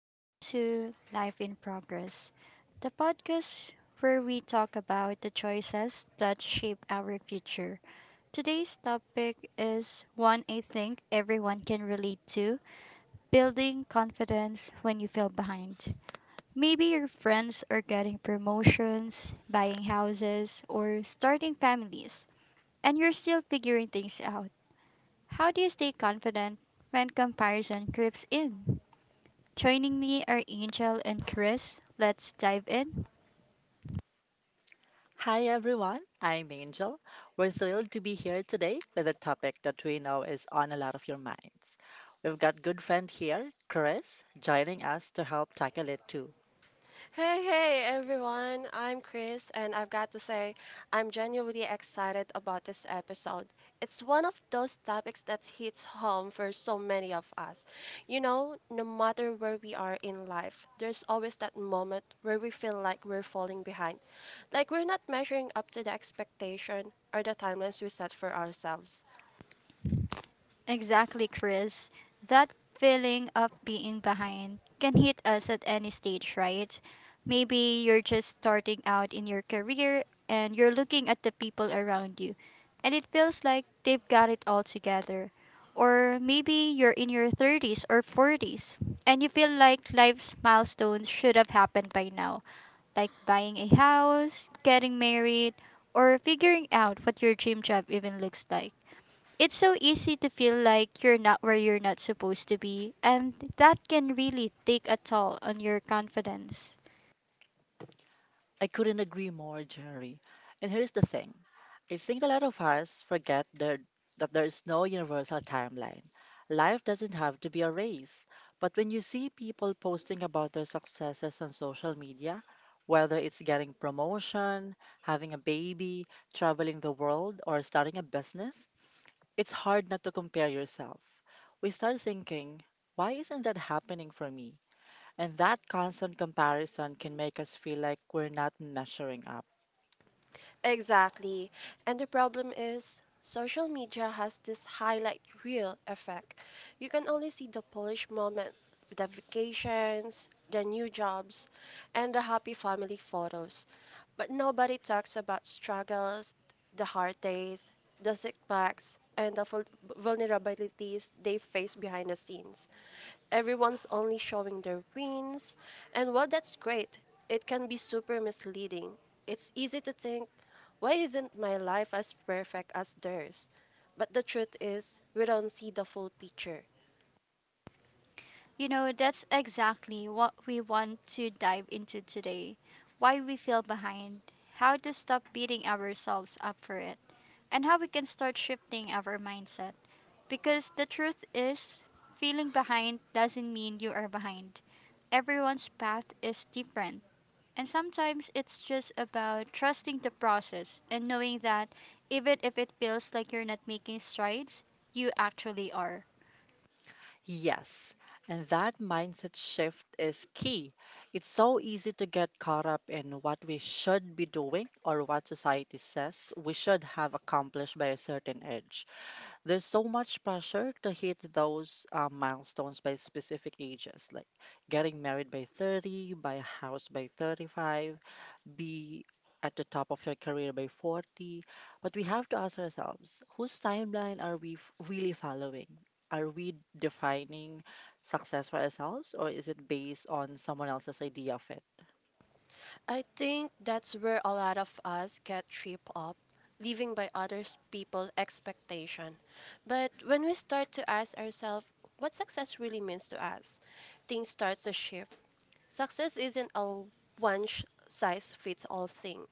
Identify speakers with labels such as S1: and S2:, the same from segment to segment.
S1: Welcome to Life in Progress, the podcast where we talk about the choices that shape our future. Today's topic is one I think everyone can relate to building confidence when you feel behind. Maybe your friends are getting promotions, buying houses, or starting families, and you're still figuring things out. How do you stay confident when comparison creeps in? Joining me are Angel and Chris. Let's dive in.
S2: Hi everyone, I'm Angel. We're thrilled to be here today with a topic that we know is on a lot of your minds. We've got good friend here, Chris, joining us to help tackle it too.
S3: Hey, hey everyone, I'm Chris, and I've got to say, I'm genuinely excited about this episode. It's one of those topics that hits home for so many of us. You know, no matter where we are in life, there's always that moment where we feel like we're falling behind, like we're not measuring up to the expectation or the timelines we set for ourselves.
S1: Exactly, Chris. That feeling of being behind can hit us at any stage, right? Maybe you're just starting out in your career and you're looking at the people around you, and it feels like they've got it all together. Or maybe you're in your 30s or 40s and you feel like life's milestones should have happened by now, like buying a house, getting married, or figuring out what your dream job even looks like. It's so easy to feel like you're not where you're not supposed to be, and that can really take a toll on your confidence.
S2: I couldn't agree more, Jerry. And here's the thing I think a lot of us forget there, that there is no universal timeline. Life doesn't have to be a race. But when you see people posting about their successes on social media, whether it's getting promotion, having a baby, traveling the world, or starting a business, it's hard not to compare yourself. We start thinking, why isn't that happening for me? And that constant comparison can make us feel like we're not measuring up.
S3: Exactly. And the problem is, social media has this highlight reel effect. You can only see the polished moment, the vacations, the new jobs, and the happy family photos. But nobody talks about struggles, the hard days, the setbacks, and the vulnerabilities they face behind the scenes. Everyone's only showing their wins, and while that's great, it can be super misleading. It's easy to think, why isn't my life as perfect as theirs? But the truth is, we don't see the full picture.
S1: You know, that's exactly what we want to dive into today, why we feel behind, how to stop beating ourselves up for it, and how we can start shifting our mindset. Because the truth is, feeling behind doesn't mean you are behind. Everyone's path is different, and sometimes it's just about trusting the process and knowing that even if it feels like you're not making strides, you actually are.
S2: Yes, and that mindset shift is key. It's so easy to get caught up in what we should be doing or what society says we should have accomplished by a certain age. There's so much pressure to hit those milestones by specific ages, like getting married by 30, buy a house by 35, be at the top of your career by 40. But we have to ask ourselves whose timeline are really following? Are we defining success for ourselves, or is it based on someone else's idea of it?
S3: I think that's where a lot of us get tripped up, living by other people's expectation. But when we start to ask ourselves what success really means to us, things start to shift. Success isn't a one size fits all thing.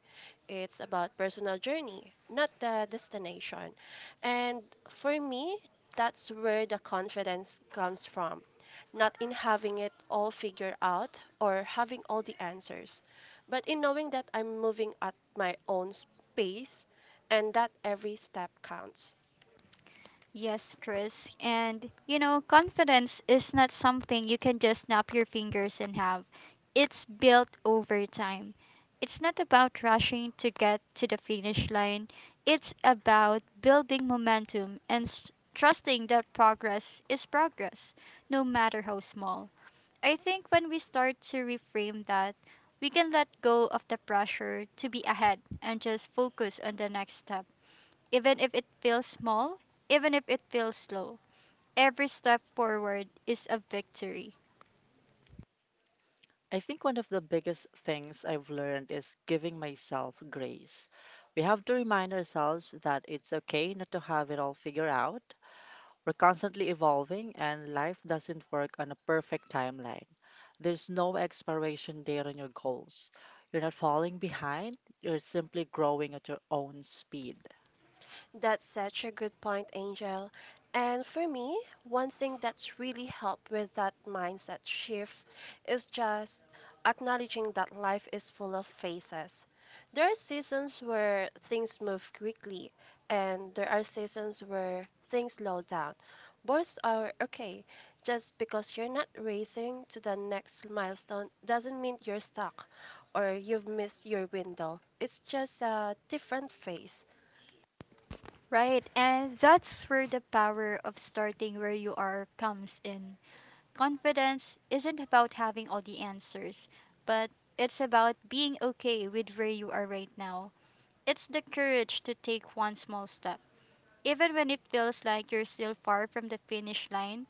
S3: It's about personal journey, not the destination. And for me, that's where the confidence comes from. Not in having it all figured out or having all the answers, but in knowing that I'm moving at my own pace and that every step counts.
S1: Yes, Chris. And you know, confidence is not something you can just snap your fingers and have. It's built over time. It's not about rushing to get to the finish line. It's about building momentum and trusting that progress is progress, no matter how small. I think when we start to reframe that, we can let go of the pressure to be ahead and just focus on the next step, even if it feels small, even if it feels slow. Every step forward is a victory.
S2: I think one of the biggest things I've learned is giving myself grace. We have to remind ourselves that it's okay not to have it all figured out. We're constantly evolving, and life doesn't work on a perfect timeline. There's no expiration date on your goals. You're not falling behind, you're simply growing at your own speed.
S3: That's such a good point, Angel. And for me, one thing that's really helped with that mindset shift is just acknowledging that life is full of phases. There are seasons where things move quickly, and there are seasons where things slow down. Both are okay. Just because you're not racing to the next milestone doesn't mean you're stuck or you've missed your window. It's just a different phase.
S1: Right? And that's where the power of starting where you are comes in. Confidence isn't about having all the answers, but it's about being okay with where you are right now. It's the courage to take one small step, even when it feels like you're still far from the finish line.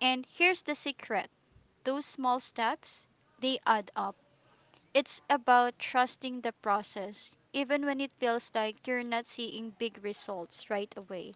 S1: And here's the secret: those small steps, they add up. It's about trusting the process, even when it feels like you're not seeing big results right away.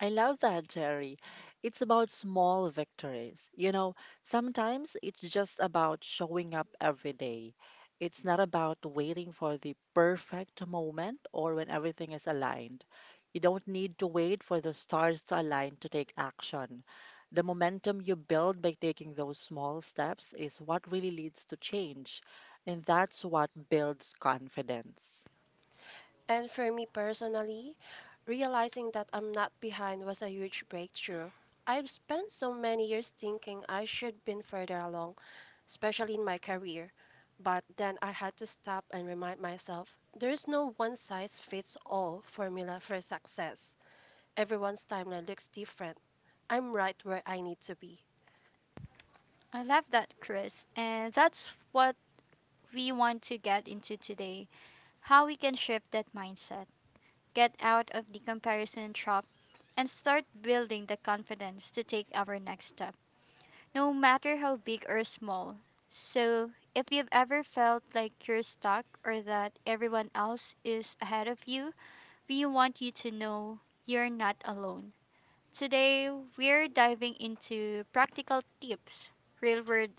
S2: I love that, Jerry. It's about small victories. You know, sometimes it's just about showing up every day. It's not about waiting for the perfect moment or when everything is aligned. You don't need to wait for the stars to align to take action. The momentum you build by taking those small steps is what really leads to change, and that's what builds confidence.
S3: And for me personally, realizing that I'm not behind was a huge breakthrough. I've spent so many years thinking I should been further along, especially in my career. But then I had to stop and remind myself there's no one size fits all formula for success. Everyone's timeline looks different. I'm right where I need to be.
S1: I love that, Chris. And that's what we want to get into today: how we can shift that mindset, get out of the comparison trap, and start building the confidence to take our next step, no matter how big or small. So, if you've ever felt like you're stuck or that everyone else is ahead of you, we want you to know you're not alone. Today, we're diving into practical tips, real world,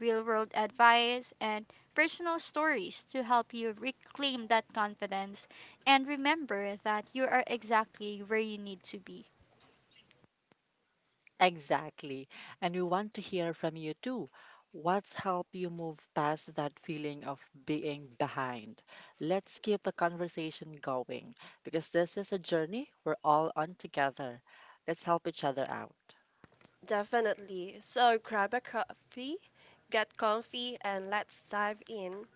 S1: real world advice, and personal stories to help you reclaim that confidence and remember that you are exactly where you need to be.
S2: Exactly. And we want to hear from you too. What's helped you move past that feeling of being behind? Let's keep the conversation going because this is a journey we're all on together. Let's help each other out.
S3: Definitely. So grab a coffee, get comfy, and let's dive in.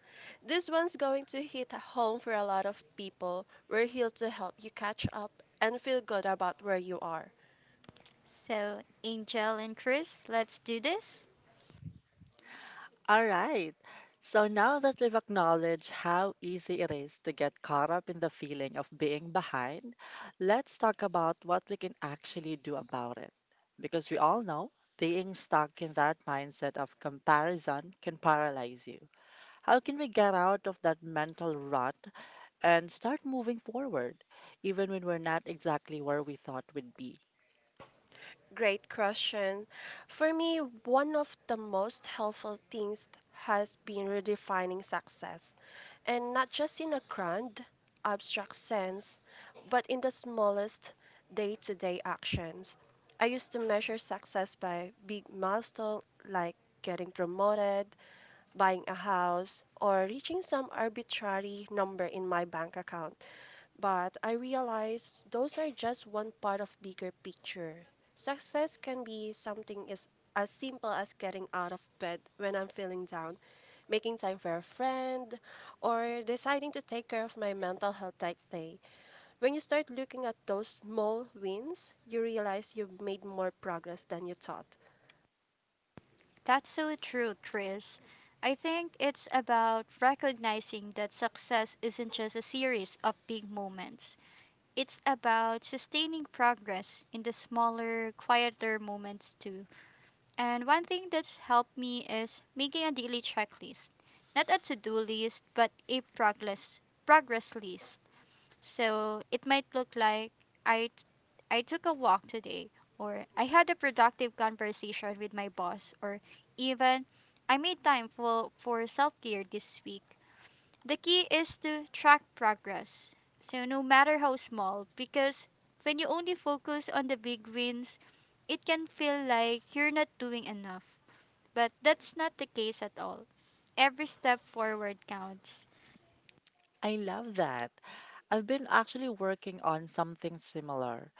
S3: This one's going to hit home for a lot of people. We're here to help you catch up and feel good about where you are.
S1: So, Angel and Chris, let's do this.
S2: All right. So now that we've acknowledged how easy it is to get caught up in the feeling of being behind, let's talk about what we can actually do about it. Because we all know being stuck in that mindset of comparison can paralyze you. How can we get out of that mental rut and start moving forward, even when we're not exactly where we thought we'd be?
S3: Great question. For me, one of the most helpful things has been redefining success, and not just in a grand, abstract sense, but in the smallest day to day actions. I used to measure success by big milestones like getting promoted, buying a house, or reaching some arbitrary number in my bank account. But I realize those are just one part of bigger picture. Success can be something as simple as getting out of bed when I'm feeling down, making time for a friend, or deciding to take care of my mental health that day. When you start looking at those small wins, you realize you've made more progress than you thought.
S1: That's so true, Chris. I think it's about recognizing that success isn't just a series of big moments. It's about sustaining progress in the smaller, quieter moments too. And one thing that's helped me is making a daily checklist. Not a to-do list, but a progress list. So it might look like I t- I took a walk today, or I had a productive conversation with my boss, or even I made time for, self-care this week. The key is to track progress, so, no matter how small, because when you only focus on the big wins, it can feel like you're not doing enough. But that's not the case at all. Every step forward counts.
S2: I love that. I've been actually working on something similar.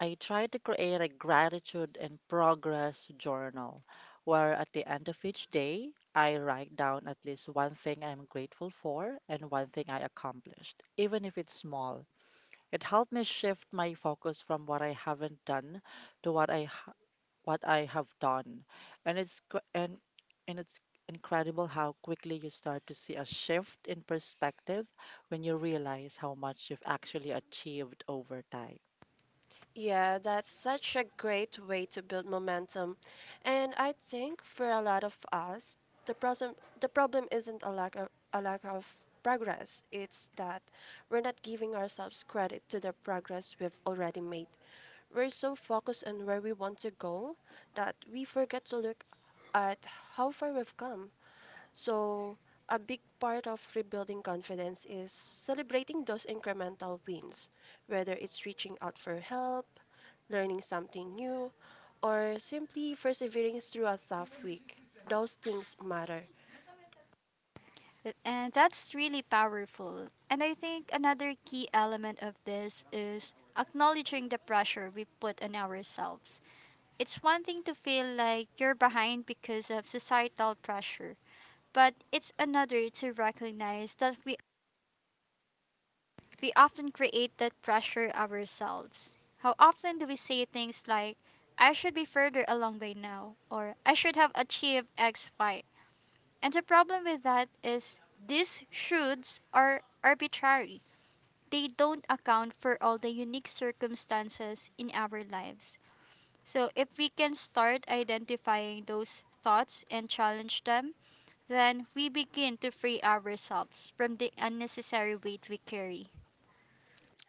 S2: I try to create a gratitude and progress journal where at the end of each day, I write down at least one thing I'm grateful for and one thing I accomplished, even if it's small. It helped me shift my focus from what I haven't done to what I have done. And it's incredible how quickly you start to see a shift in perspective when you realize how much you've actually achieved over time.
S3: Yeah, that's such a great way to build momentum. And I think for a lot of us, the problem the problem isn't a lack of progress. It's that we're not giving ourselves credit to the progress we've already made. We're so focused on where we want to go that we forget to look at how far we've come. So, a big part of rebuilding confidence is celebrating those incremental wins, whether it's reaching out for help, learning something new, or simply persevering through a tough week. Those things matter.
S1: And that's really powerful. And I think another key element of this is acknowledging the pressure we put on ourselves. It's one thing to feel like you're behind because of societal pressure, but it's another to recognize that we often create that pressure ourselves. How often do we say things like, I should be further along by now, or I should have achieved X, Y? And the problem with that is these shoulds are arbitrary. They don't account for all the unique circumstances in our lives. So if we can start identifying those thoughts and challenge them, then we begin to free ourselves from the unnecessary weight we carry.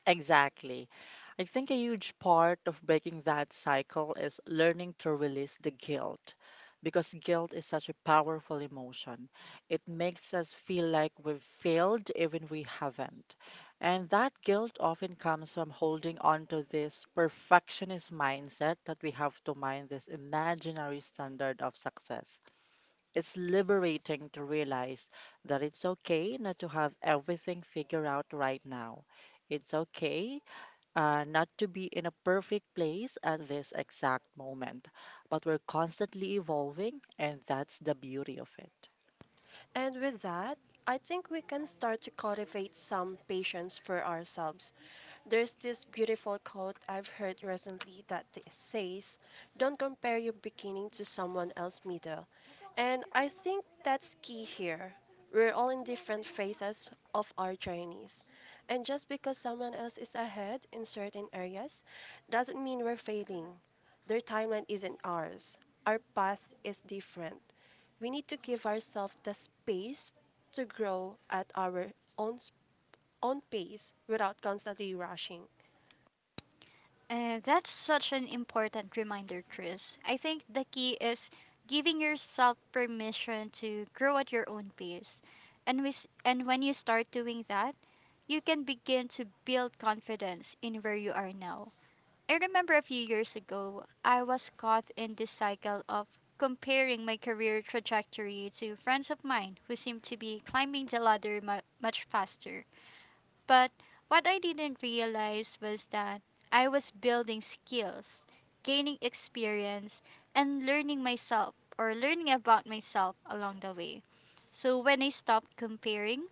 S2: Exactly. I think a huge part of breaking that cycle is learning to release the guilt because guilt is such a powerful emotion. It makes us feel like we've failed even we haven't. And that guilt often comes from holding on to this perfectionist mindset that we have to mind this imaginary standard of success. It's liberating to realize that it's okay not to have everything figured out right now. It's okay not to be in a perfect place at this exact moment, but we're constantly evolving, and that's the beauty of it.
S3: And with that, I think we can start to cultivate some patience for ourselves. There's this beautiful quote I've heard recently that says, "Don't compare your beginning to someone else's middle." And I think that's key here. We're all in different phases of our journeys. And just because someone else is ahead in certain areas doesn't mean we're failing. Their timeline isn't ours, our path is different. We need to give ourselves the space to grow at our own, s- own pace without constantly rushing.
S1: And that's such an important reminder, Chris. I think the key is giving yourself permission to grow at your own pace. And, and when you start doing that, you can begin to build confidence in where you are now. I remember a few years ago, I was caught in this cycle of comparing my career trajectory to friends of mine who seemed to be climbing the ladder much faster. But what I didn't realize was that I was building skills, gaining experience, and learning myself, or learning about myself, along the way. So when I stopped comparing,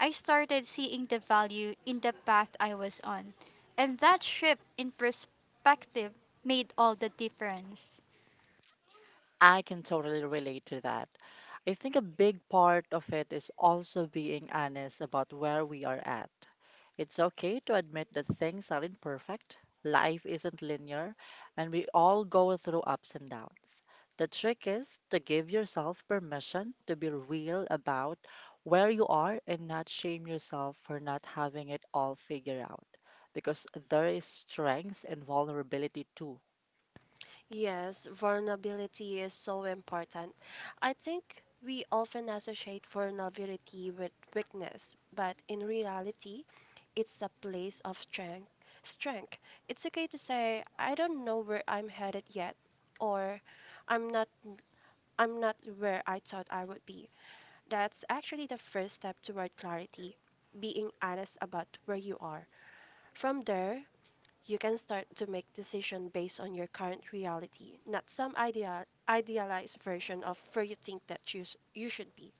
S1: I started seeing the value in the path I was on. And that shift in perspective made all the difference.
S2: I can totally relate to that. I think a big part of it is also being honest about where we are at. It's okay to admit that things aren't perfect, life isn't linear, and we all go through ups and downs. The trick is to give yourself permission to be real about where you are and not shame yourself for not having it all figured out, because there is strength and vulnerability too.
S3: Yes, vulnerability is so important. I think we often associate vulnerability with weakness, but in reality, it's a place of strength. Strength. It's okay to say, I don't know where I'm headed yet, or I'm not I'm not where I thought I would be. That's actually the first step toward clarity, being honest about where you are. From there, you can start to make decision based on your current reality, not some idealized version of where you think that you should be.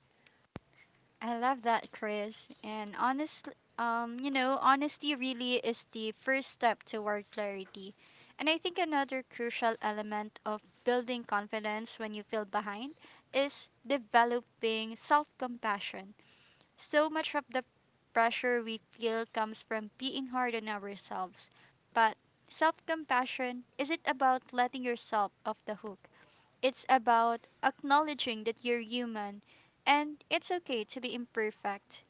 S1: I love that, Chris. And honestly, honesty really is the first step toward clarity. And I think another crucial element of building confidence when you feel behind is developing self-compassion. So much of the pressure we feel comes from being hard on ourselves. But self-compassion isn't about letting yourself off the hook. It's about acknowledging that you're human and it's okay to be imperfect.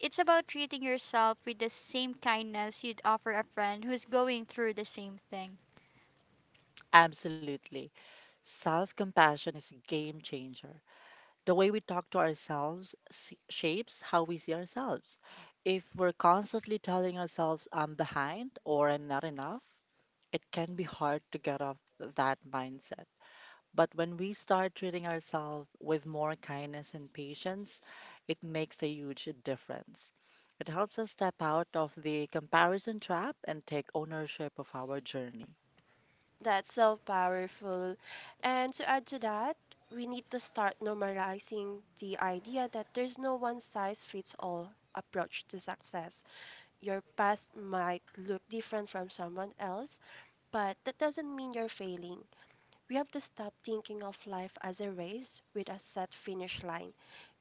S1: It's about treating yourself with the same kindness you'd offer a friend who's going through the same thing.
S2: Absolutely. Self compassion is a game changer. The way we talk to ourselves s- shapes how we see ourselves. If we're constantly telling ourselves, I'm behind or I'm not enough, it can be hard to get off that mindset. But when we start treating ourselves with more kindness and patience, it makes a huge difference. It helps us step out of the comparison trap and take ownership of our journey.
S3: That's so powerful. And to add to that, we need to start normalizing the idea that there's no one size fits all approach to success. Your past might look different from someone else, but that doesn't mean you're failing. We have to stop thinking of life as a race with a set finish line.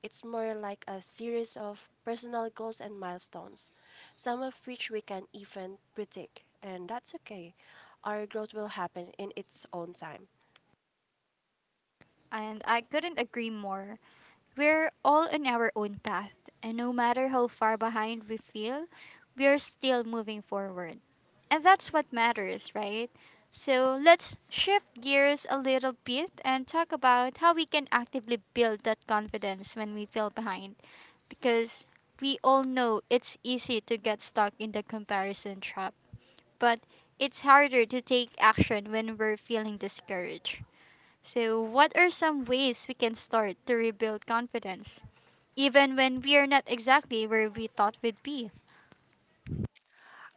S3: It's more like a series of personal goals and milestones, some of which we can even predict, and that's okay. Our growth will happen in its own time.
S1: And I couldn't agree more. We're all on our own path, and no matter how far behind we feel, we're still moving forward. And that's what matters, right? So let's shift gears a little bit and talk about how we can actively build that confidence when we feel behind. Because we all know it's easy to get stuck in the comparison trap, but it's harder to take action when we're feeling discouraged. So, what are some ways we can start to rebuild confidence, even when we are not exactly where we thought we'd be?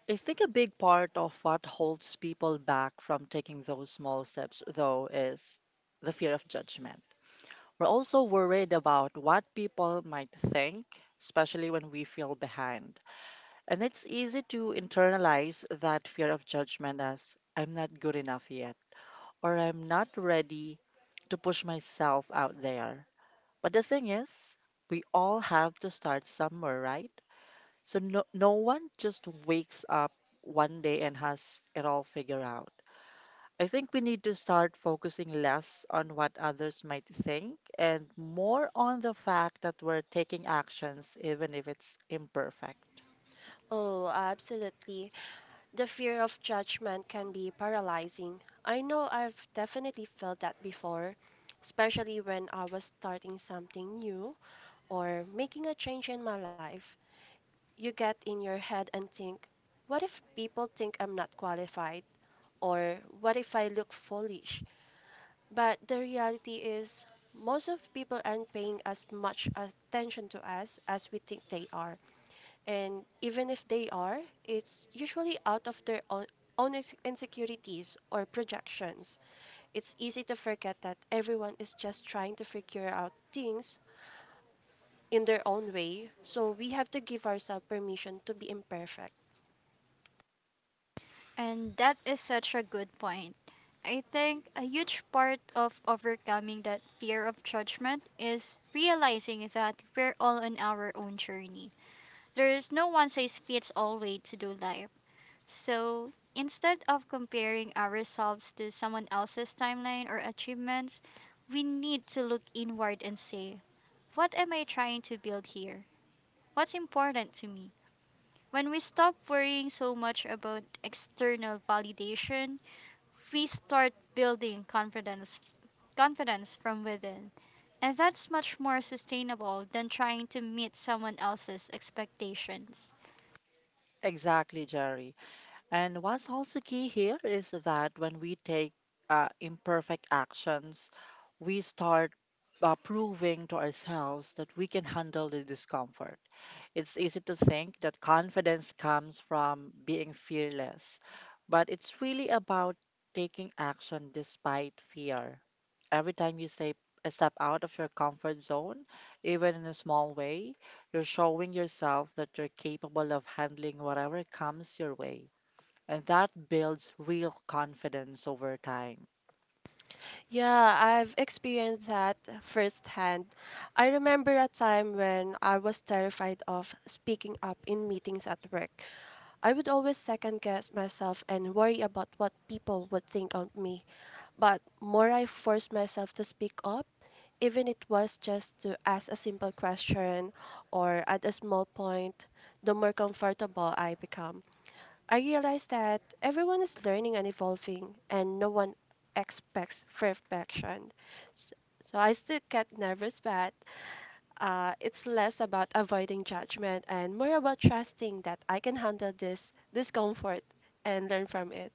S2: I think a big part of what holds people back from taking those small steps, though, is the fear of judgment. We're also worried about what people might think, especially when we feel behind. And it's easy to internalize that fear of judgment as I'm not good enough yet, or I'm not ready to push myself out there. But the thing is, we all have to start somewhere, right? So no one just wakes up one day and has it all figured out. I think we need to start focusing less on what others might think and more on the fact that we're taking actions even if it's imperfect.
S3: Oh, absolutely. The fear of judgment can be paralyzing. I know I've definitely felt that before, especially when I was starting something new or making a change in my life. You get in your head and think, what if people think I'm not qualified? Or what if I look foolish? But the reality is, most of people aren't paying as much attention to us as we think they are. And even if they are, it's usually out of their own insecurities or projections. It's easy to forget that everyone is just trying to figure out things in their own way, so we have to give ourselves permission to be imperfect.
S1: And that is such a good point. I think a huge part of overcoming that fear of judgment is realizing that we're all on our own journey. There is no one size fits all way to do life. So instead of comparing ourselves to someone else's timeline or achievements, we need to look inward and say, what am I trying to build here? What's important to me? When we stop worrying so much about external validation, we start building confidence from within. And that's much more sustainable than trying to meet someone else's expectations.
S2: Exactly, Jerry. And what's also key here is that when we take imperfect actions, we start proving to ourselves that we can handle the discomfort. It's easy to think that confidence comes from being fearless, but it's really about taking action despite fear. Every time you say, step out of your comfort zone, even in a small way, you're showing yourself that you're capable of handling whatever comes your way. And that builds real confidence over time.
S3: Yeah, I've experienced that firsthand. I remember a time when I was terrified of speaking up in meetings at work. I would always second guess myself and worry about what people would think of me. But more I forced myself to speak up, even it was just to ask a simple question or at a small point, the more comfortable I become. I realized that everyone is learning and evolving, and no one expects perfection. S- So I still get nervous, but it's less about avoiding judgment and more about trusting that I can handle this discomfort and learn from it.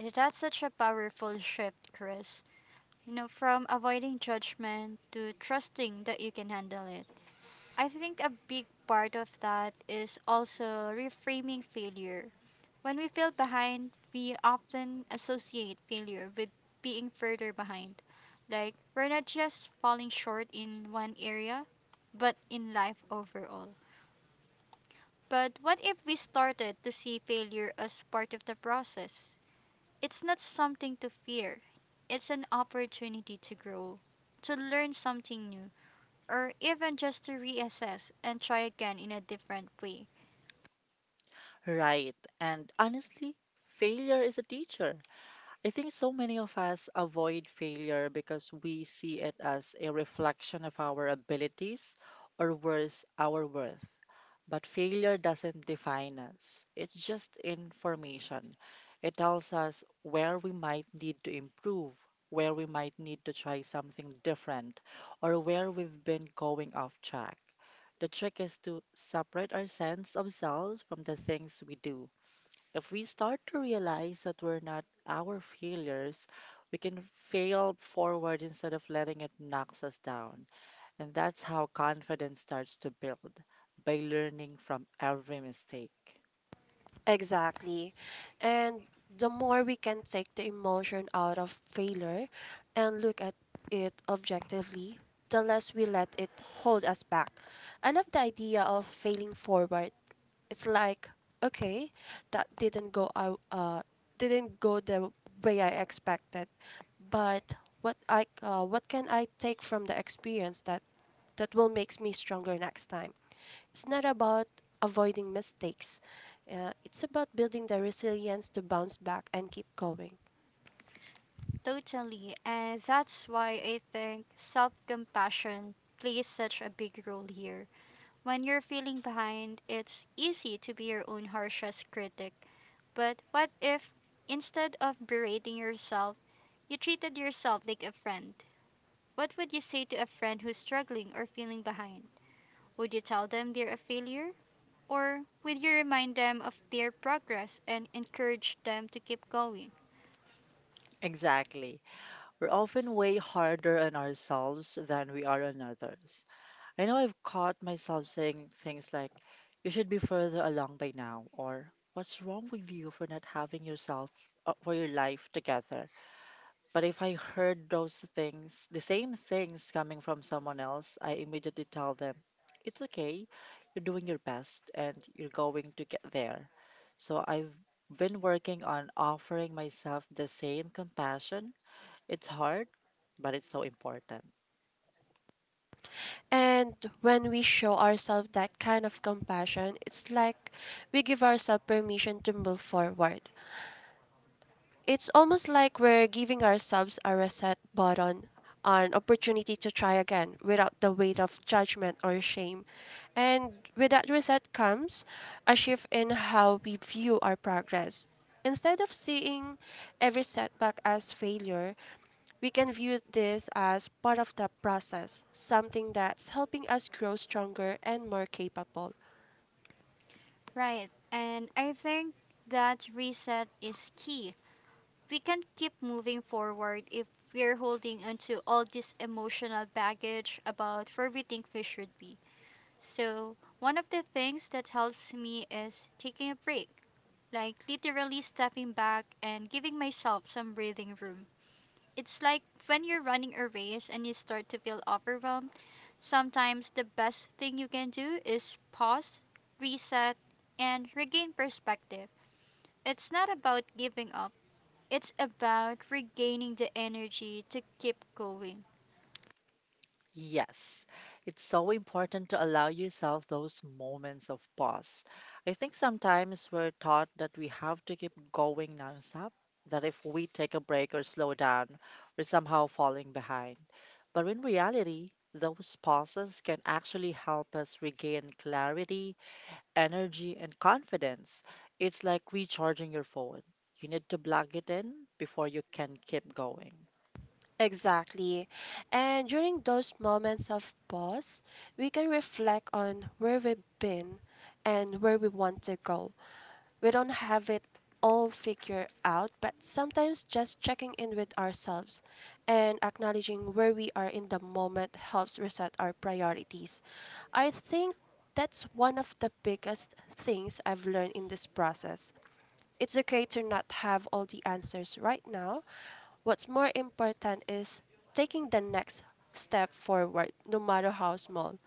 S1: That's such a powerful shift, Chris. You know, from avoiding judgment to trusting that you can handle it. I think a big part of that is also reframing failure. When we feel behind, we often associate failure with being further behind. Like, we're not just falling short in one area, but in life overall. But what if we started to see failure as part of the process? It's not something to fear, it's an opportunity to grow, to learn something new, or even just to reassess and try again in a different way.
S2: Right. And honestly, failure is a teacher. I think so many of us avoid failure because we see it as a reflection of our abilities or worse, our worth. But failure doesn't define us, it's just information. It tells us where we might need to improve, where we might need to try something different, or where we've been going off track. The trick is to separate our sense of self from the things we do if we start to realize that we're not our failures, we can fail forward instead of letting it knock us down. And that's how confidence starts to build by learning from every mistake.
S3: Exactly. And the more we can take the emotion out of failure and look at it objectively, the less we let it hold us back. I love the idea of failing forward. It's like, okay, that didn't go out didn't go the way I expected, but what can I take from the experience that will make me stronger next time? It's not about avoiding mistakes, it's about building the resilience to bounce back and keep going.
S1: Totally. And that's why I think self compassion plays such a big role here. When you're feeling behind, it's easy to be your own harshest critic. But what if, instead of berating yourself, you treated yourself like a friend? What would you say to a friend who's struggling or feeling behind? Would you tell them they're a failure? Or would you remind them of their progress and encourage them to keep going?
S2: Exactly. We're often way harder on ourselves than we are on others. I know I've caught myself saying things like, you should be further along by now, or what's wrong with you for not having yourself for your life together. But if I heard those things, the same things coming from someone else, I immediately tell them, it's okay. You're doing your best and you're going to get there. So I've been working on offering myself the same compassion. It's hard, but it's so important.
S3: And when we show ourselves that kind of compassion, it's like we give ourselves permission to move forward. It's almost like we're giving ourselves a reset button, an opportunity to try again without the weight of judgment or shame. And with that reset comes a shift in how we view our progress. Instead of seeing every setback as failure, we can view this as part of the process, something that's helping us grow stronger and more capable.
S2: Yes, it's so important to allow yourself those moments of pause. I think sometimes we're taught that we have to keep going nonstop, that if we take a break or slow down, we're somehow falling behind. But in reality, those pauses can actually help us regain clarity, energy, and confidence. It's like recharging your phone. You need to plug it in before you can keep going.
S3: Exactly. And during those moments of pause, we can reflect on where we've been and where we want to go. We don't have it all figured out, but sometimes just checking in with ourselves and acknowledging where we are in the moment helps reset our priorities. I think that's one of the biggest things I've learned in this process. It's okay to not have all the answers right now. What's more important is taking the next step forward, no matter how small.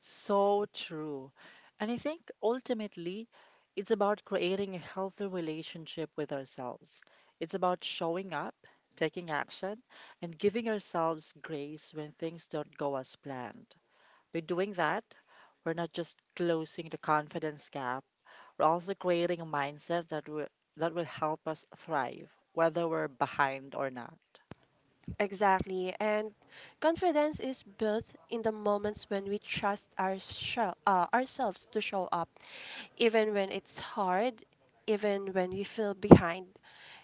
S2: So true. And I think ultimately, it's about creating a healthy relationship with ourselves. It's about showing up, taking action, and giving ourselves grace when things don't go as planned. By doing that, we're not just closing the confidence gap, we're also creating a mindset that will help us thrive, whether we're behind or not.
S3: Exactly. And confidence is built in the moments when we trust our ourselves to show up, even when it's hard, even when we feel behind.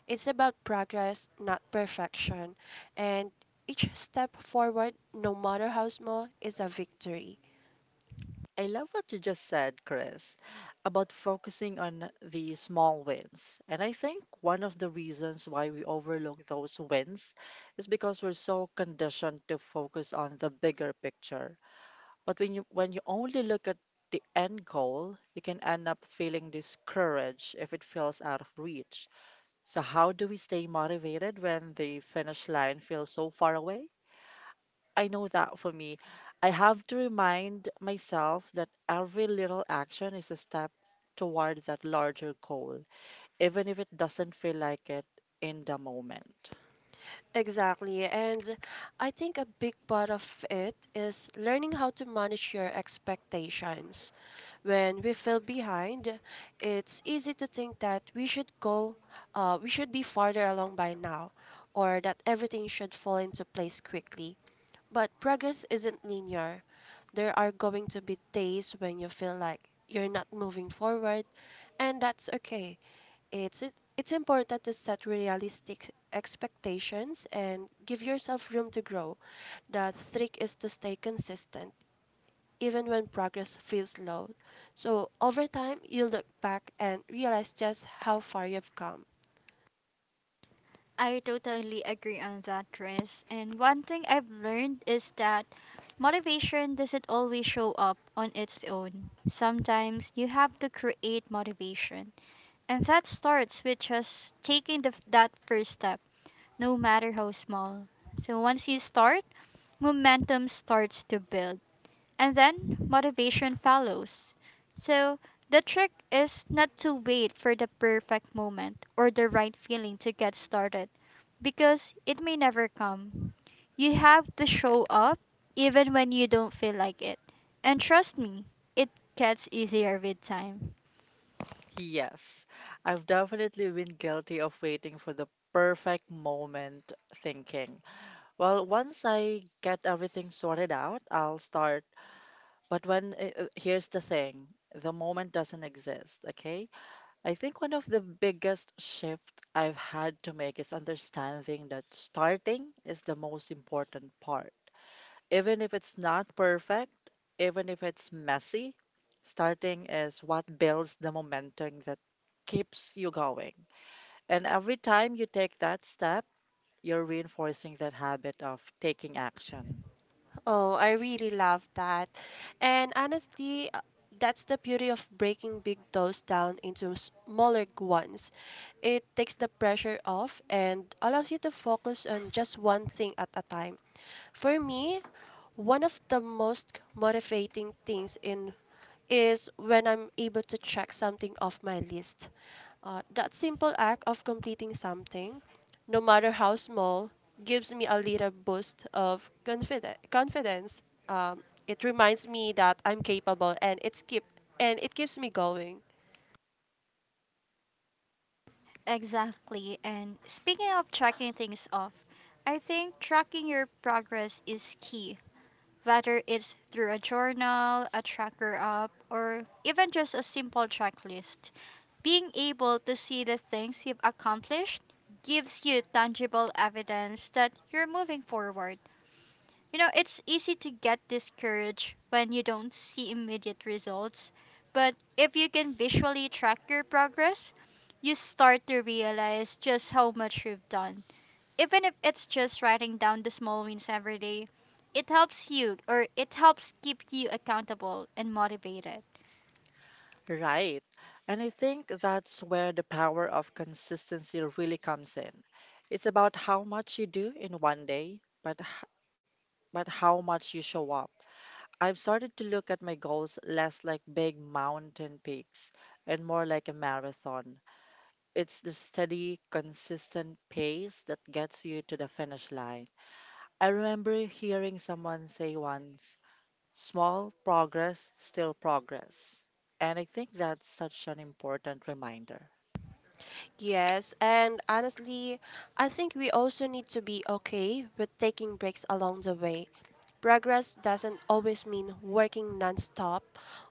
S3: It's about progress, not perfection. And each step forward, no matter how small, is a victory.
S2: I love what you just said, Chris, about focusing on the small wins. And I think one of the reasons why we overlook those wins is because we're so conditioned to focus on the bigger picture. But when you only look at the end goal, you can end up feeling discouraged if it feels out of reach. So how do we stay motivated when the finish line feels so far away? I know that for me, I have to remind myself that every little action is a step toward that larger goal, even if it doesn't feel like it in the moment.
S3: Exactly. And I think a big part of it is learning how to manage your expectations. When we feel behind, it's easy to think that we should be farther along by now, or that everything should fall into place quickly. But progress isn't linear. There are going to be days when you feel like you're not moving forward, and that's okay. It's important to set realistic expectations and give yourself room to grow. The trick is to stay consistent even when progress feels slow. So over time, you look back and realize just how far you've come.
S2: Yes, I've definitely been guilty of waiting for the perfect moment thinking. Well, once I get everything sorted out, I'll start. Here's the thing, the moment doesn't exist, okay? I think one of the biggest shift I've had to make is understanding that starting is the most important part. Even if it's not perfect, even if it's messy, starting is what builds the momentum that keeps you going. And every time you take that step, you're reinforcing that habit of taking action.
S3: Oh, I really love that. And honestly, that's the beauty of breaking big goals down into smaller ones. It takes the pressure off and allows you to focus on just one thing at a time. For me, one of the most motivating things in is when I'm able to check something off my list. That simple act of completing something, no matter how small, gives me a little boost of confidence. It reminds me that I'm capable, and it keeps me going.
S2: Right. And I think that's where the power of consistency really comes in. It's about how much you do in one day, but how much you show up. I've started to look at my goals less like big mountain peaks and more like a marathon. It's the steady, consistent pace that gets you to the finish line. I remember hearing someone say once, "Small progress, still progress." And I think that's such an important reminder.
S3: Yes, and honestly, I think we also need to be okay with taking breaks along the way. Progress doesn't always mean working nonstop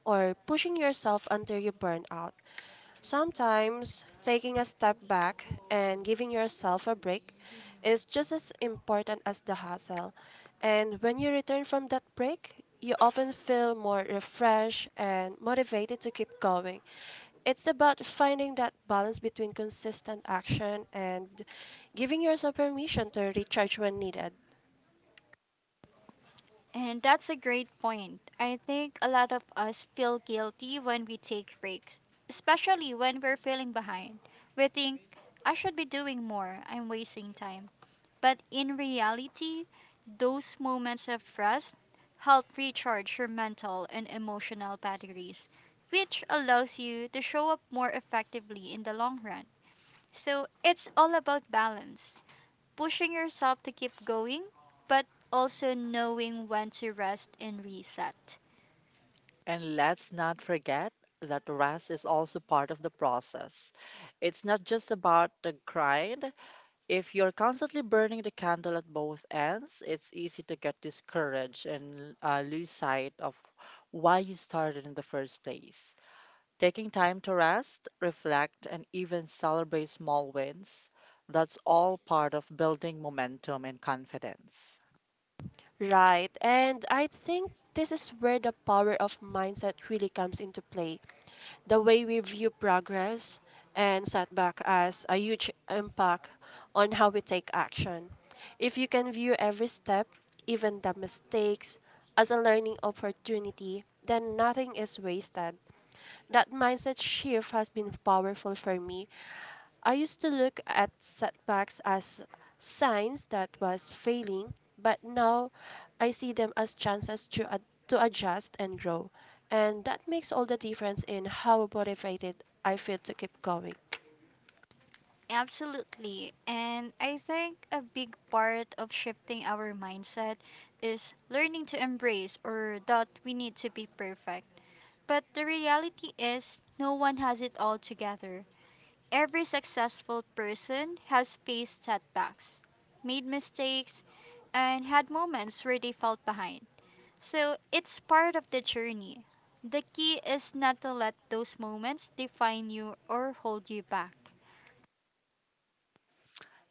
S3: or pushing yourself until you burn out. Sometimes taking a step back and giving yourself a break is just as important as the hustle. And when you return from that break, you often feel more refreshed and motivated to keep going. It's about finding that balance between consistent action and giving yourself permission to recharge when needed.
S2: And let's not forget that rest is also part of the process. It's not just about the grind. If you're constantly burning the candle at both ends, it's easy to get discouraged and lose sight of why you started in the first place. Taking time to rest, reflect, and even celebrate small wins, that's all part of building momentum and confidence.
S3: Right, and I think this is where the power of mindset really comes into play. The way we view progress and setback has a huge impact on how we take action. If you can view every step, even the mistakes, as a learning opportunity, then nothing is wasted. That mindset shift has been powerful for me. I used to look at setbacks as signs that was failing, but now I see them as chances to to adjust and grow, and that makes all the difference in how motivated I feel to keep going.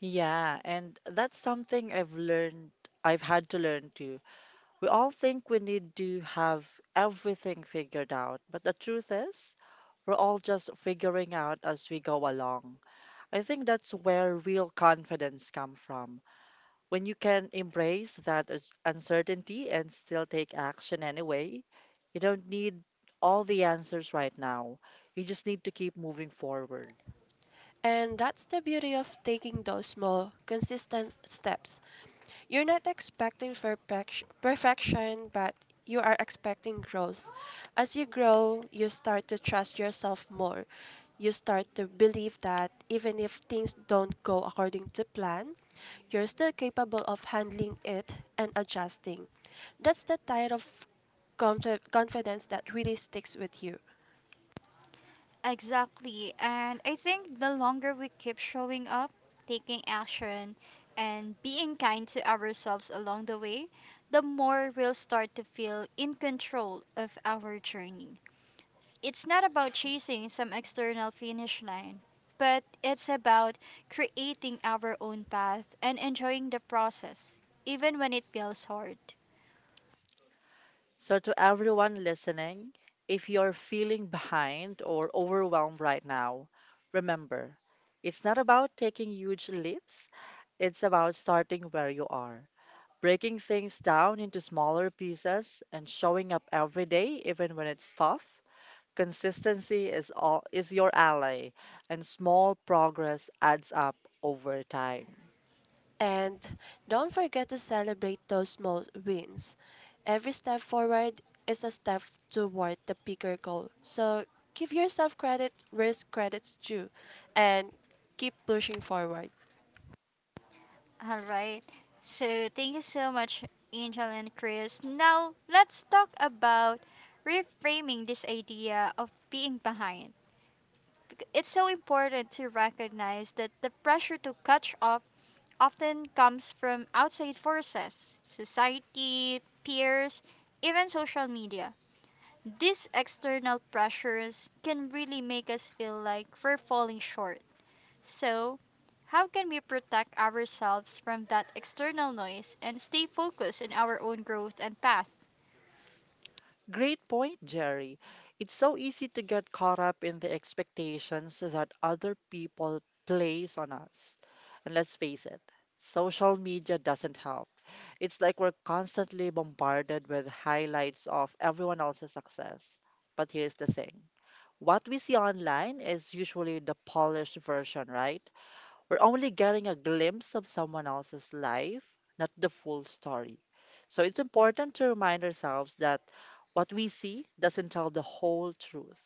S2: Yeah, and that's something I've had to learn too. We all think we need to have everything figured out, but the truth is, we're all just figuring out as we go along. I think that's where real confidence comes from. When you can embrace that uncertainty and still take action anyway, you don't need all the answers right now. You just need to keep moving forward.
S3: And that's the beauty of taking those small, consistent steps. You're not expecting perfection, but you are expecting growth. As you grow, you start to trust yourself more. You start to believe that even if things don't go according to plan, you're still capable of handling it and adjusting. That's the type of confidence that really sticks with you.
S2: So, to everyone listening, if you're feeling behind or overwhelmed right now, remember, it's not about taking huge leaps, it's about starting where you are, breaking things down into smaller pieces, and showing up every day, even when it's tough. Consistency is your ally, and small progress adds up over time.
S3: And don't forget to celebrate those small wins. Every step forward is a step toward the bigger goal. So give yourself credit where credit's due and keep pushing forward.
S2: Great point, Jerry. It's so easy to get caught up in the expectations that other people place on us. And let's face it, social media doesn't help. It's like we're constantly bombarded with highlights of everyone else's success. But here's the thing. What we see online is usually the polished version, right? We're only getting a glimpse of someone else's life, not the full story. So it's important to remind ourselves that what we see doesn't tell the whole truth.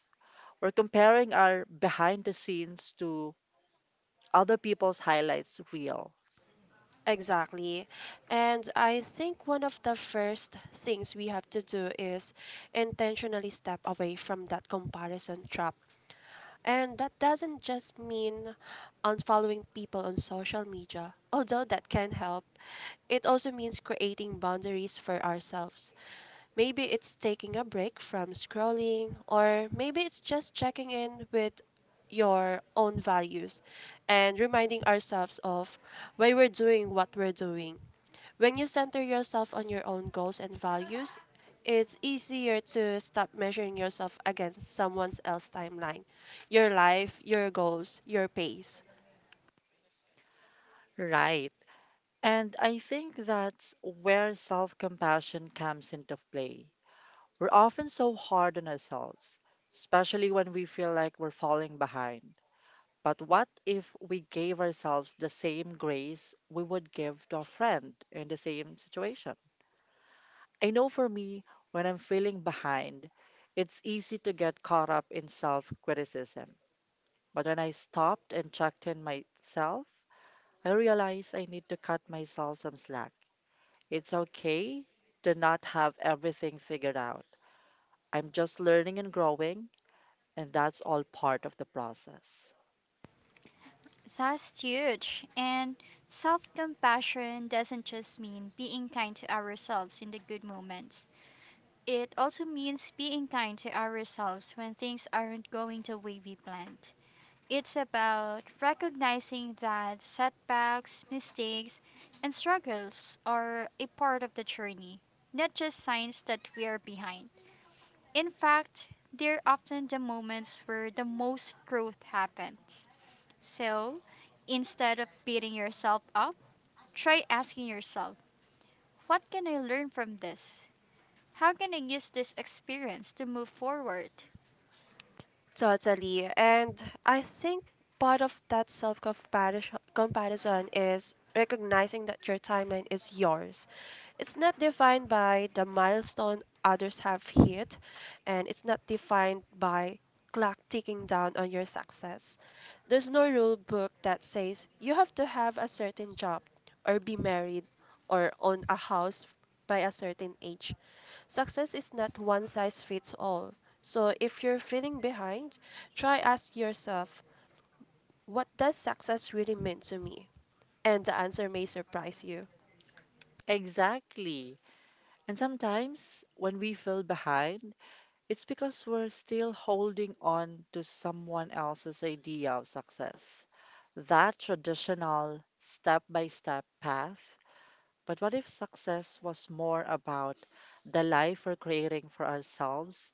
S2: We're comparing our behind the scenes to other people's highlights real.
S3: Exactly. And I think one of the first things we have to do is intentionally step away from that comparison trap. And that doesn't just mean unfollowing people on social media, although that can help. It also means creating boundaries for ourselves. Maybe it's taking a break from scrolling, or maybe it's just checking in with your own values and reminding ourselves of why we're doing what we're doing. When you center yourself on your own goals and values, it's easier to stop measuring yourself against someone else's timeline, your life, your goals, your pace.
S2: Right. And I think that's where self compassion comes into play. We're often so hard on ourselves, especially when we feel like we're falling behind. But what if we gave ourselves the same grace we would give to a friend in the same situation? I know for me, when I'm feeling behind, it's easy to get caught up in self criticism. But when I stopped and checked in myself, I realized I need to cut myself some slack. It's okay to not have everything figured out. I'm just learning and growing, and that's all part of the process.
S3: Totally. And I think part of that self comparison is recognizing that your timeline is yours. It's not defined by the milestone others have hit, and it's not defined by clock ticking down on your success. There's no rule book that says you have to have a certain job or be married or own a house by a certain age. Success is not one size fits all. So if you're feeling behind, try ask yourself, what does success really mean to me? And the answer may surprise you.
S2: Exactly. And sometimes when we feel behind, it's because we're still holding on to someone else's idea of success. That traditional step by step path. But what if success was more about the life we're creating for ourselves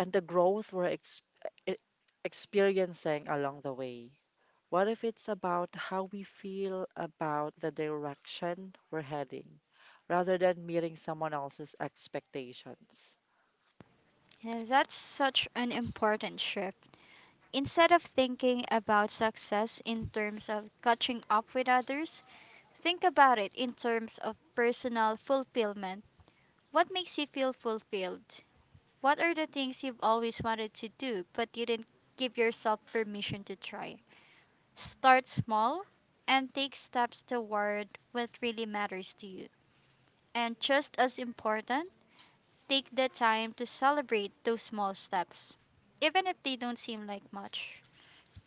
S2: and the growth we're e- experiencing along the way? What if it's about how we feel about the direction we're heading rather than meeting someone else's expectations?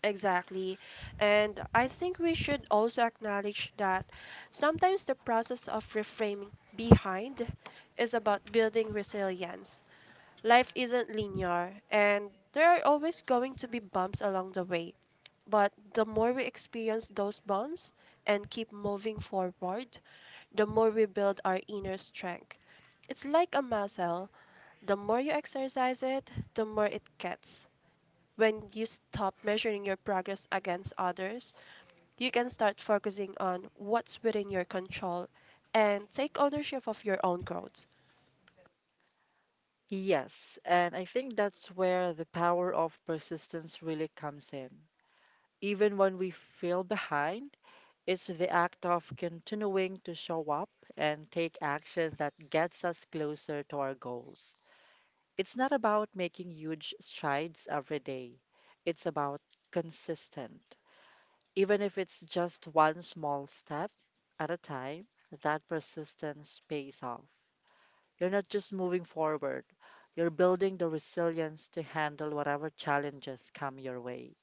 S3: Exactly. And I think we should also acknowledge that sometimes the process of reframing behind is about building resilience. Life isn't linear, and there are always going to be bumps along the way. But the more we experience those bumps and keep moving forward, the more we build our inner strength. It's like a muscle. The more you exercise it, the more it gets. When you stop measuring your progress against others, you can start focusing on what's within your control and take ownership of your own growth.
S2: Yes, and I think that's where the power of persistence really comes in. Even when we feel behind, it's the act of continuing to show up and take action that gets us closer to our goals. It's not about making huge strides every day, it's about consistent. Even if it's just one small step at a time, that persistence pays off. You're not just moving forward, you're building the resilience to handle whatever challenges come your way.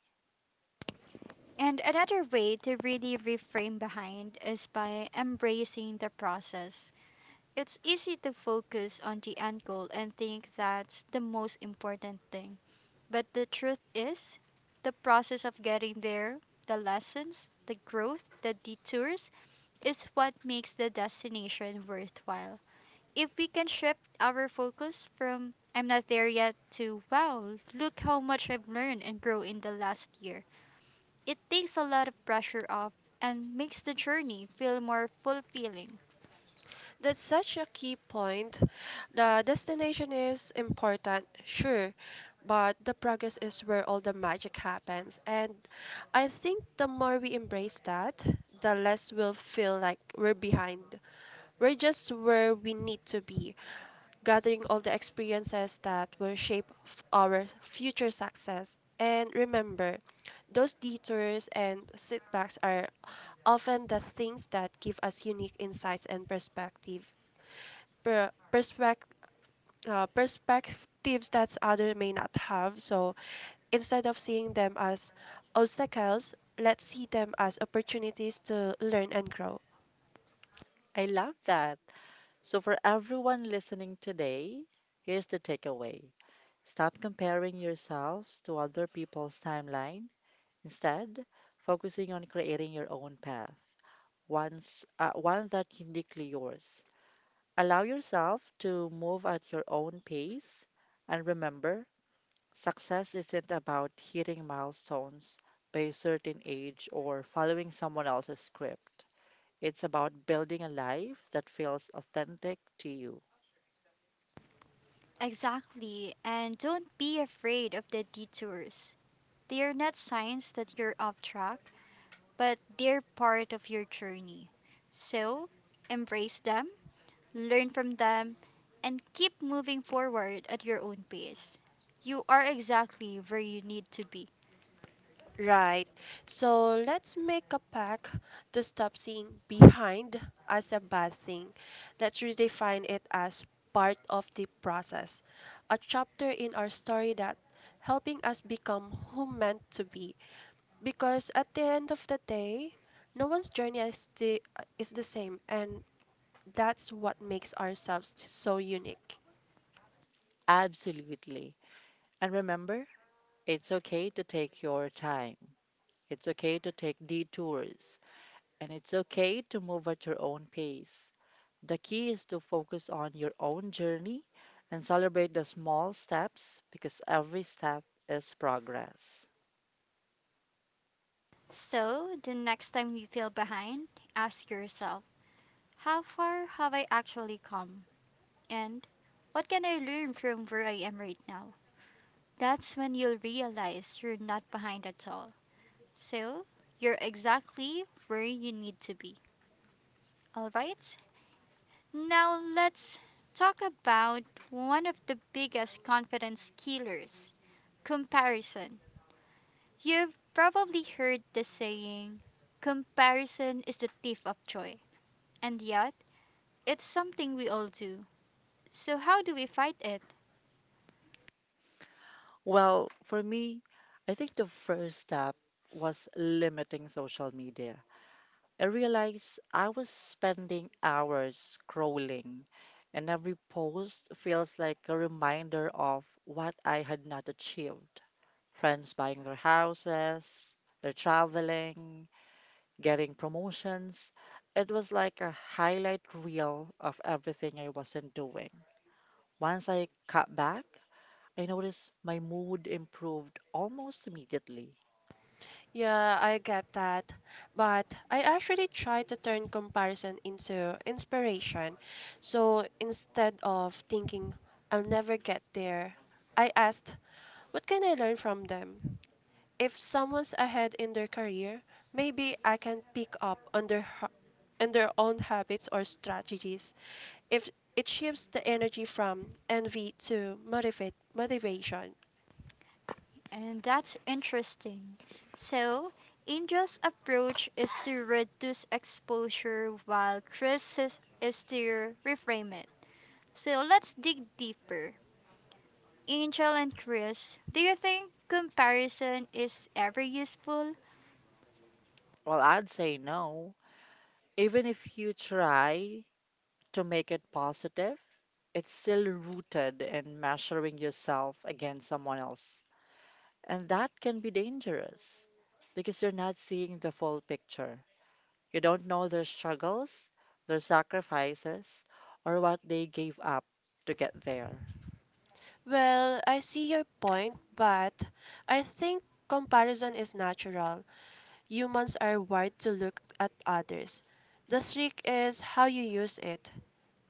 S3: That's such a key point. The destination is important, sure, but the progress is where all the magic happens. And I think the more we embrace that, the less we'll feel like we're behind. We're just where we need to be, gathering all the experiences that will shape our future success. And remember, those detours and setbacks are often the things that give us unique insights and per- perspect- perspectives that others may not have. So instead of seeing them as obstacles, let's see them as opportunities to learn and grow.
S2: I love that. So, for everyone listening today, here's the takeaway: stop comparing yourselves to other people's timeline. Instead, focusing on creating your own path, one that uniquely yours. Allow yourself to move at your own pace. And remember, success isn't about hitting milestones by a certain age or following someone else's script. It's about building a life that feels authentic to you.
S3: Right. So let's make a pact to stop seeing behind as a bad thing. Let's redefine it as part of the process, a chapter in our story that helping us become who meant to be. Because at the end of the day, no one's journey is the same, and that's what makes ourselves so unique.
S2: Absolutely. And remember, it's okay to take your time. It's okay to take detours, and it's okay to move at your own pace. The key is to focus on your own journey and celebrate the small steps, because every step is progress. Well, for me, I think the first step was limiting social media. I realized I was spending hours scrolling, and every post feels like a reminder of what I had not achieved. Friends buying their houses, they're traveling, getting promotions. It was like a highlight reel of everything I wasn't doing. Once I cut back, I noticed my mood improved almost immediately.
S3: Yeah, I get that. But I actually try to turn comparison into inspiration. So instead of thinking, I'll never get there, I asked, what can I learn from them? If someone's ahead in their career, maybe I can pick up on their own habits or strategies. If it shifts the energy from envy to motivate motivation.
S2: Well, I'd say no. Even if you try to make it positive, it's still rooted in measuring yourself against someone else. And that can be dangerous because you're not seeing the full picture. You don't know their struggles, their sacrifices, or what they gave up to get there.
S3: Well, I see your point, but I think comparison is natural. Humans are wired to look at others. The trick is how you use it.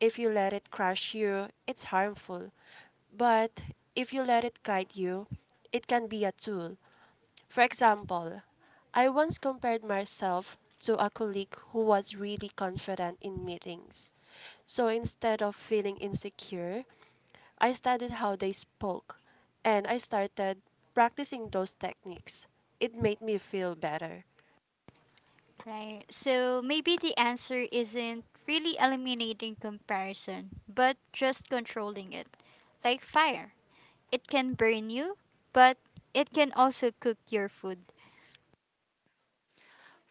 S3: If you let it crush you, it's harmful. But if you let it guide you, it can be a tool. For example, I once compared myself to a colleague who was really confident in meetings. So instead of feeling insecure, I studied how they spoke and I started practicing those techniques. It made me feel better.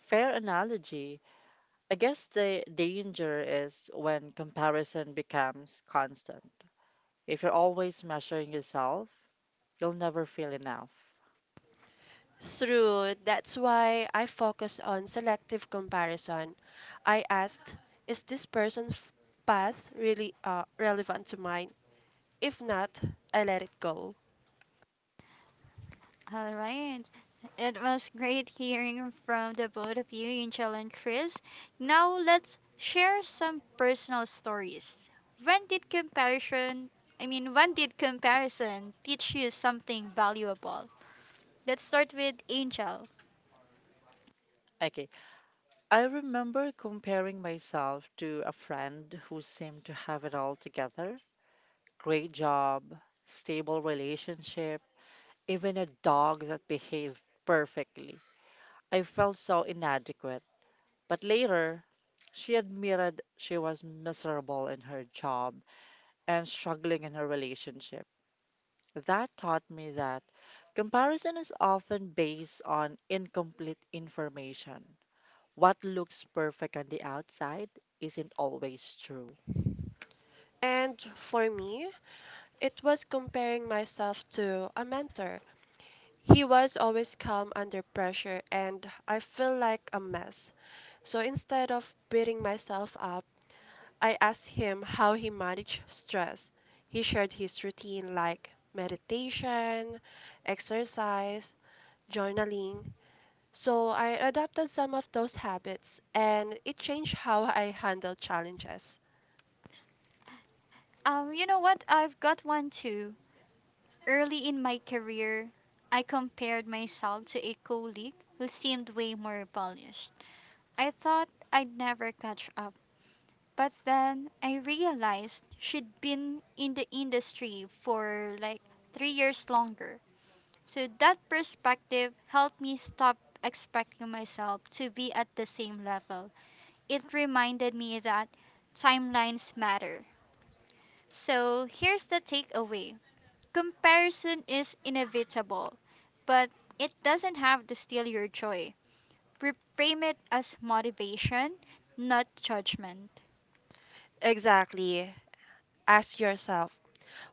S2: Fair analogy. I guess the danger is when comparison becomes constant. If you're always measuring yourself, you'll never feel enough.
S3: Through that's why I focus on selective comparison. I asked, is this person's path really relevant to mine? If not, I let it go.
S2: Okay, I remember comparing myself to a friend who seemed to have it all together: great job, stable relationship, even a dog that behaved perfectly. I felt so inadequate. But later, she admitted she was miserable in her job and struggling in her relationship. That taught me that comparison is often based on incomplete information. What looks perfect on the outside isn't always true.
S3: And for me, it was comparing myself to a mentor. He was always calm under pressure, and I feel like a mess. So instead of beating myself up, I asked him how he managed stress. He shared his routine like meditation, exercise, journaling. So I adopted some of those habits, and it changed how I handle challenges. Exactly. Ask yourself,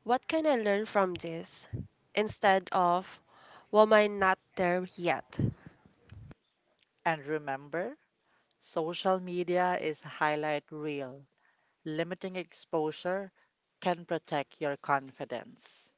S3: what can I learn from this? Instead of, why am I not there yet?
S2: And remember, social media is highlight reel. Limiting exposure can protect your confidence.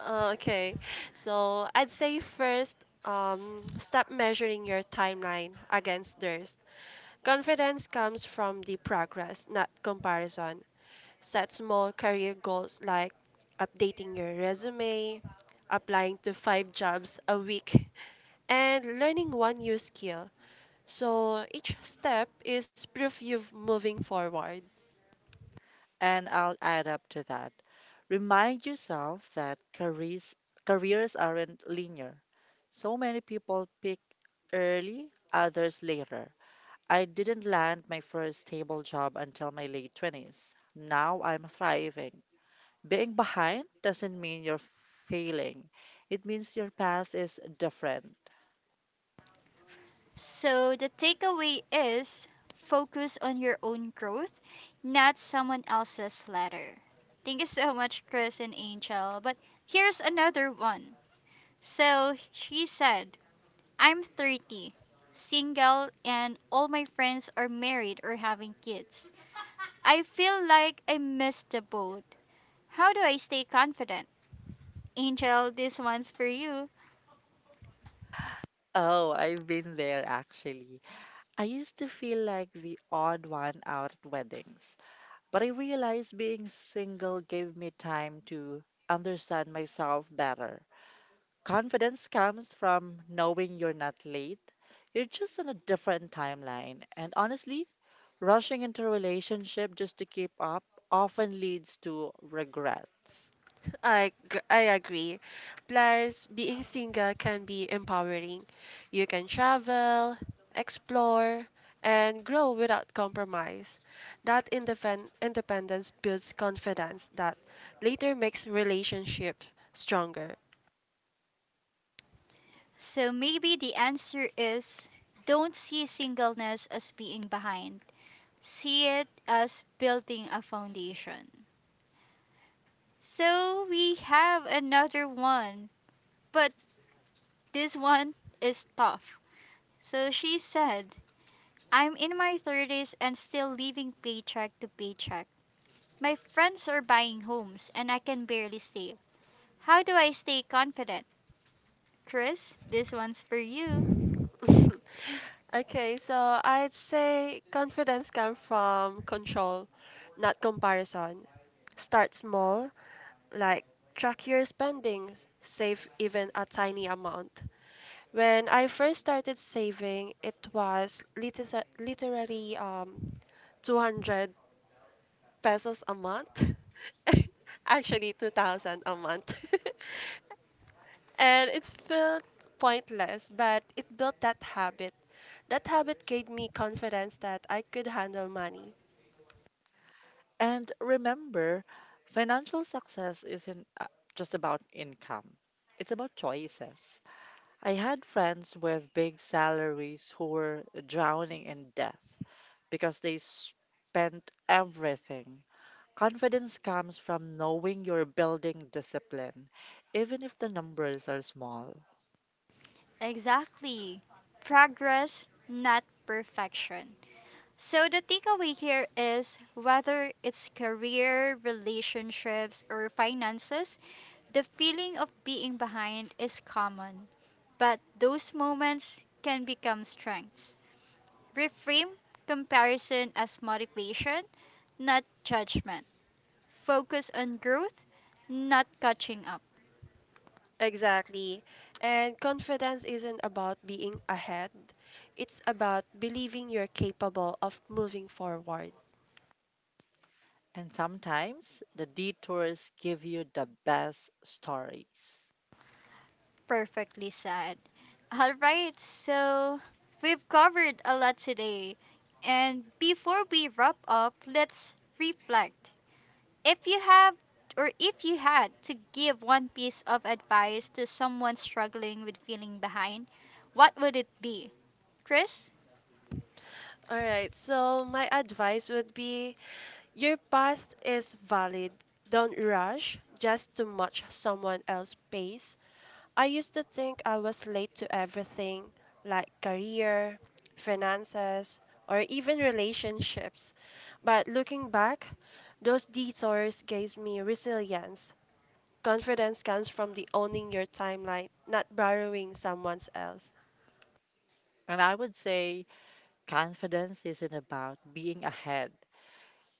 S3: Oh, okay, so I'd say first, stop measuring your timeline against theirs. Confidence comes from the progress, not comparison. Set small career goals like updating your resume, applying to five jobs a week, and learning one new skill. So each step is proof you've moving forward.
S2: And I'll add up to that. Remind yourself that careers aren't linear. So many people pick early, others later. I didn't land my first stable job until my late 20s. Now I'm thriving. Being behind doesn't mean you're failing, it means your path is different. Oh, I've been there actually. I used to feel like the odd one out at weddings. But I realized being single gave me time to understand myself better. Confidence comes from knowing you're not late, you're just on a different timeline. And honestly, rushing into a relationship just to keep up often leads to regrets.
S3: I agree. Plus, being single can be empowering. You can travel, explore, and grow without compromise. That independence builds confidence that later makes relationships stronger. Okay, so I'd say confidence comes from control, not comparison. Start small, like track your spendings, save even a tiny amount. When I first started saving, it was literally 200 pesos a month. Actually, 2000 a month. And it felt pointless, but it built that habit. That habit gave me confidence that I could handle money.
S2: And remember, financial success isn't just about income, it's about choices. I had friends with big salaries who were drowning in debt because they spent everything. Confidence comes from knowing you're building discipline, even if the numbers are small.
S3: Exactly. And confidence isn't about being ahead, it's about believing you're capable of moving forward.
S2: And sometimes the detours give you the best stories.
S3: All right, so my advice would be your path is valid. Don't rush just to match someone else's pace. I used to think I was late to everything like career, finances, or even relationships. But looking back, those detours gave me resilience. Confidence comes from the owning your timeline, not borrowing someone else's.
S2: And I would say confidence isn't about being ahead,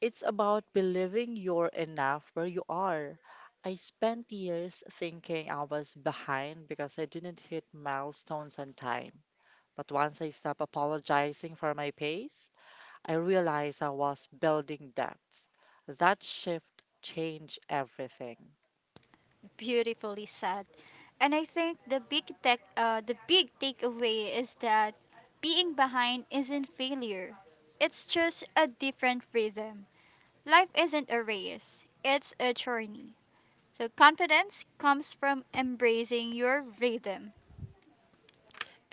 S2: it's about believing you're enough where you are. I spent years thinking I was behind because I didn't hit milestones on time. But once I stopped apologizing for my pace, I realized I was building depth. That shift changed everything.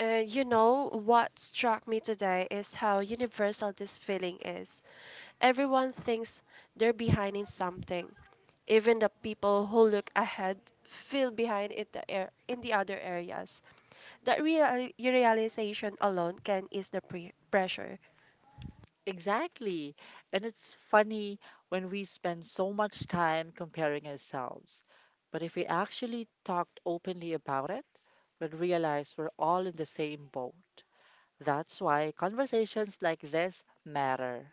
S3: What struck me today is how universal this feeling is. Everyone thinks they're behind in something. Even the people who look ahead feel behind in in the other areas. That realization alone can ease the pressure.
S2: Exactly. And it's funny when we spend so much time comparing ourselves. But if we actually talked openly about it, we'd realize we're all in the same boat. That's why conversations like this matter.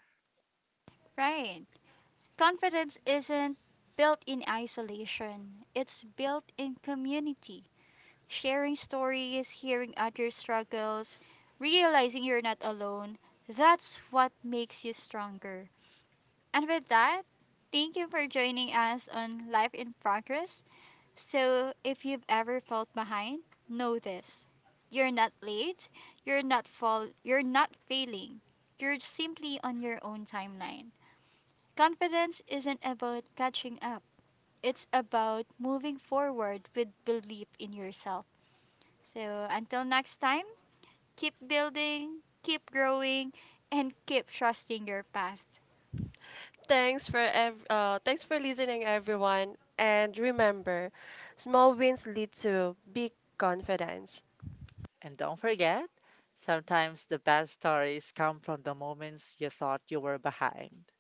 S3: Thanks for listening, everyone. And remember, small wins lead to big confidence.
S2: And don't forget, sometimes the best stories come from the moments you thought you were behind.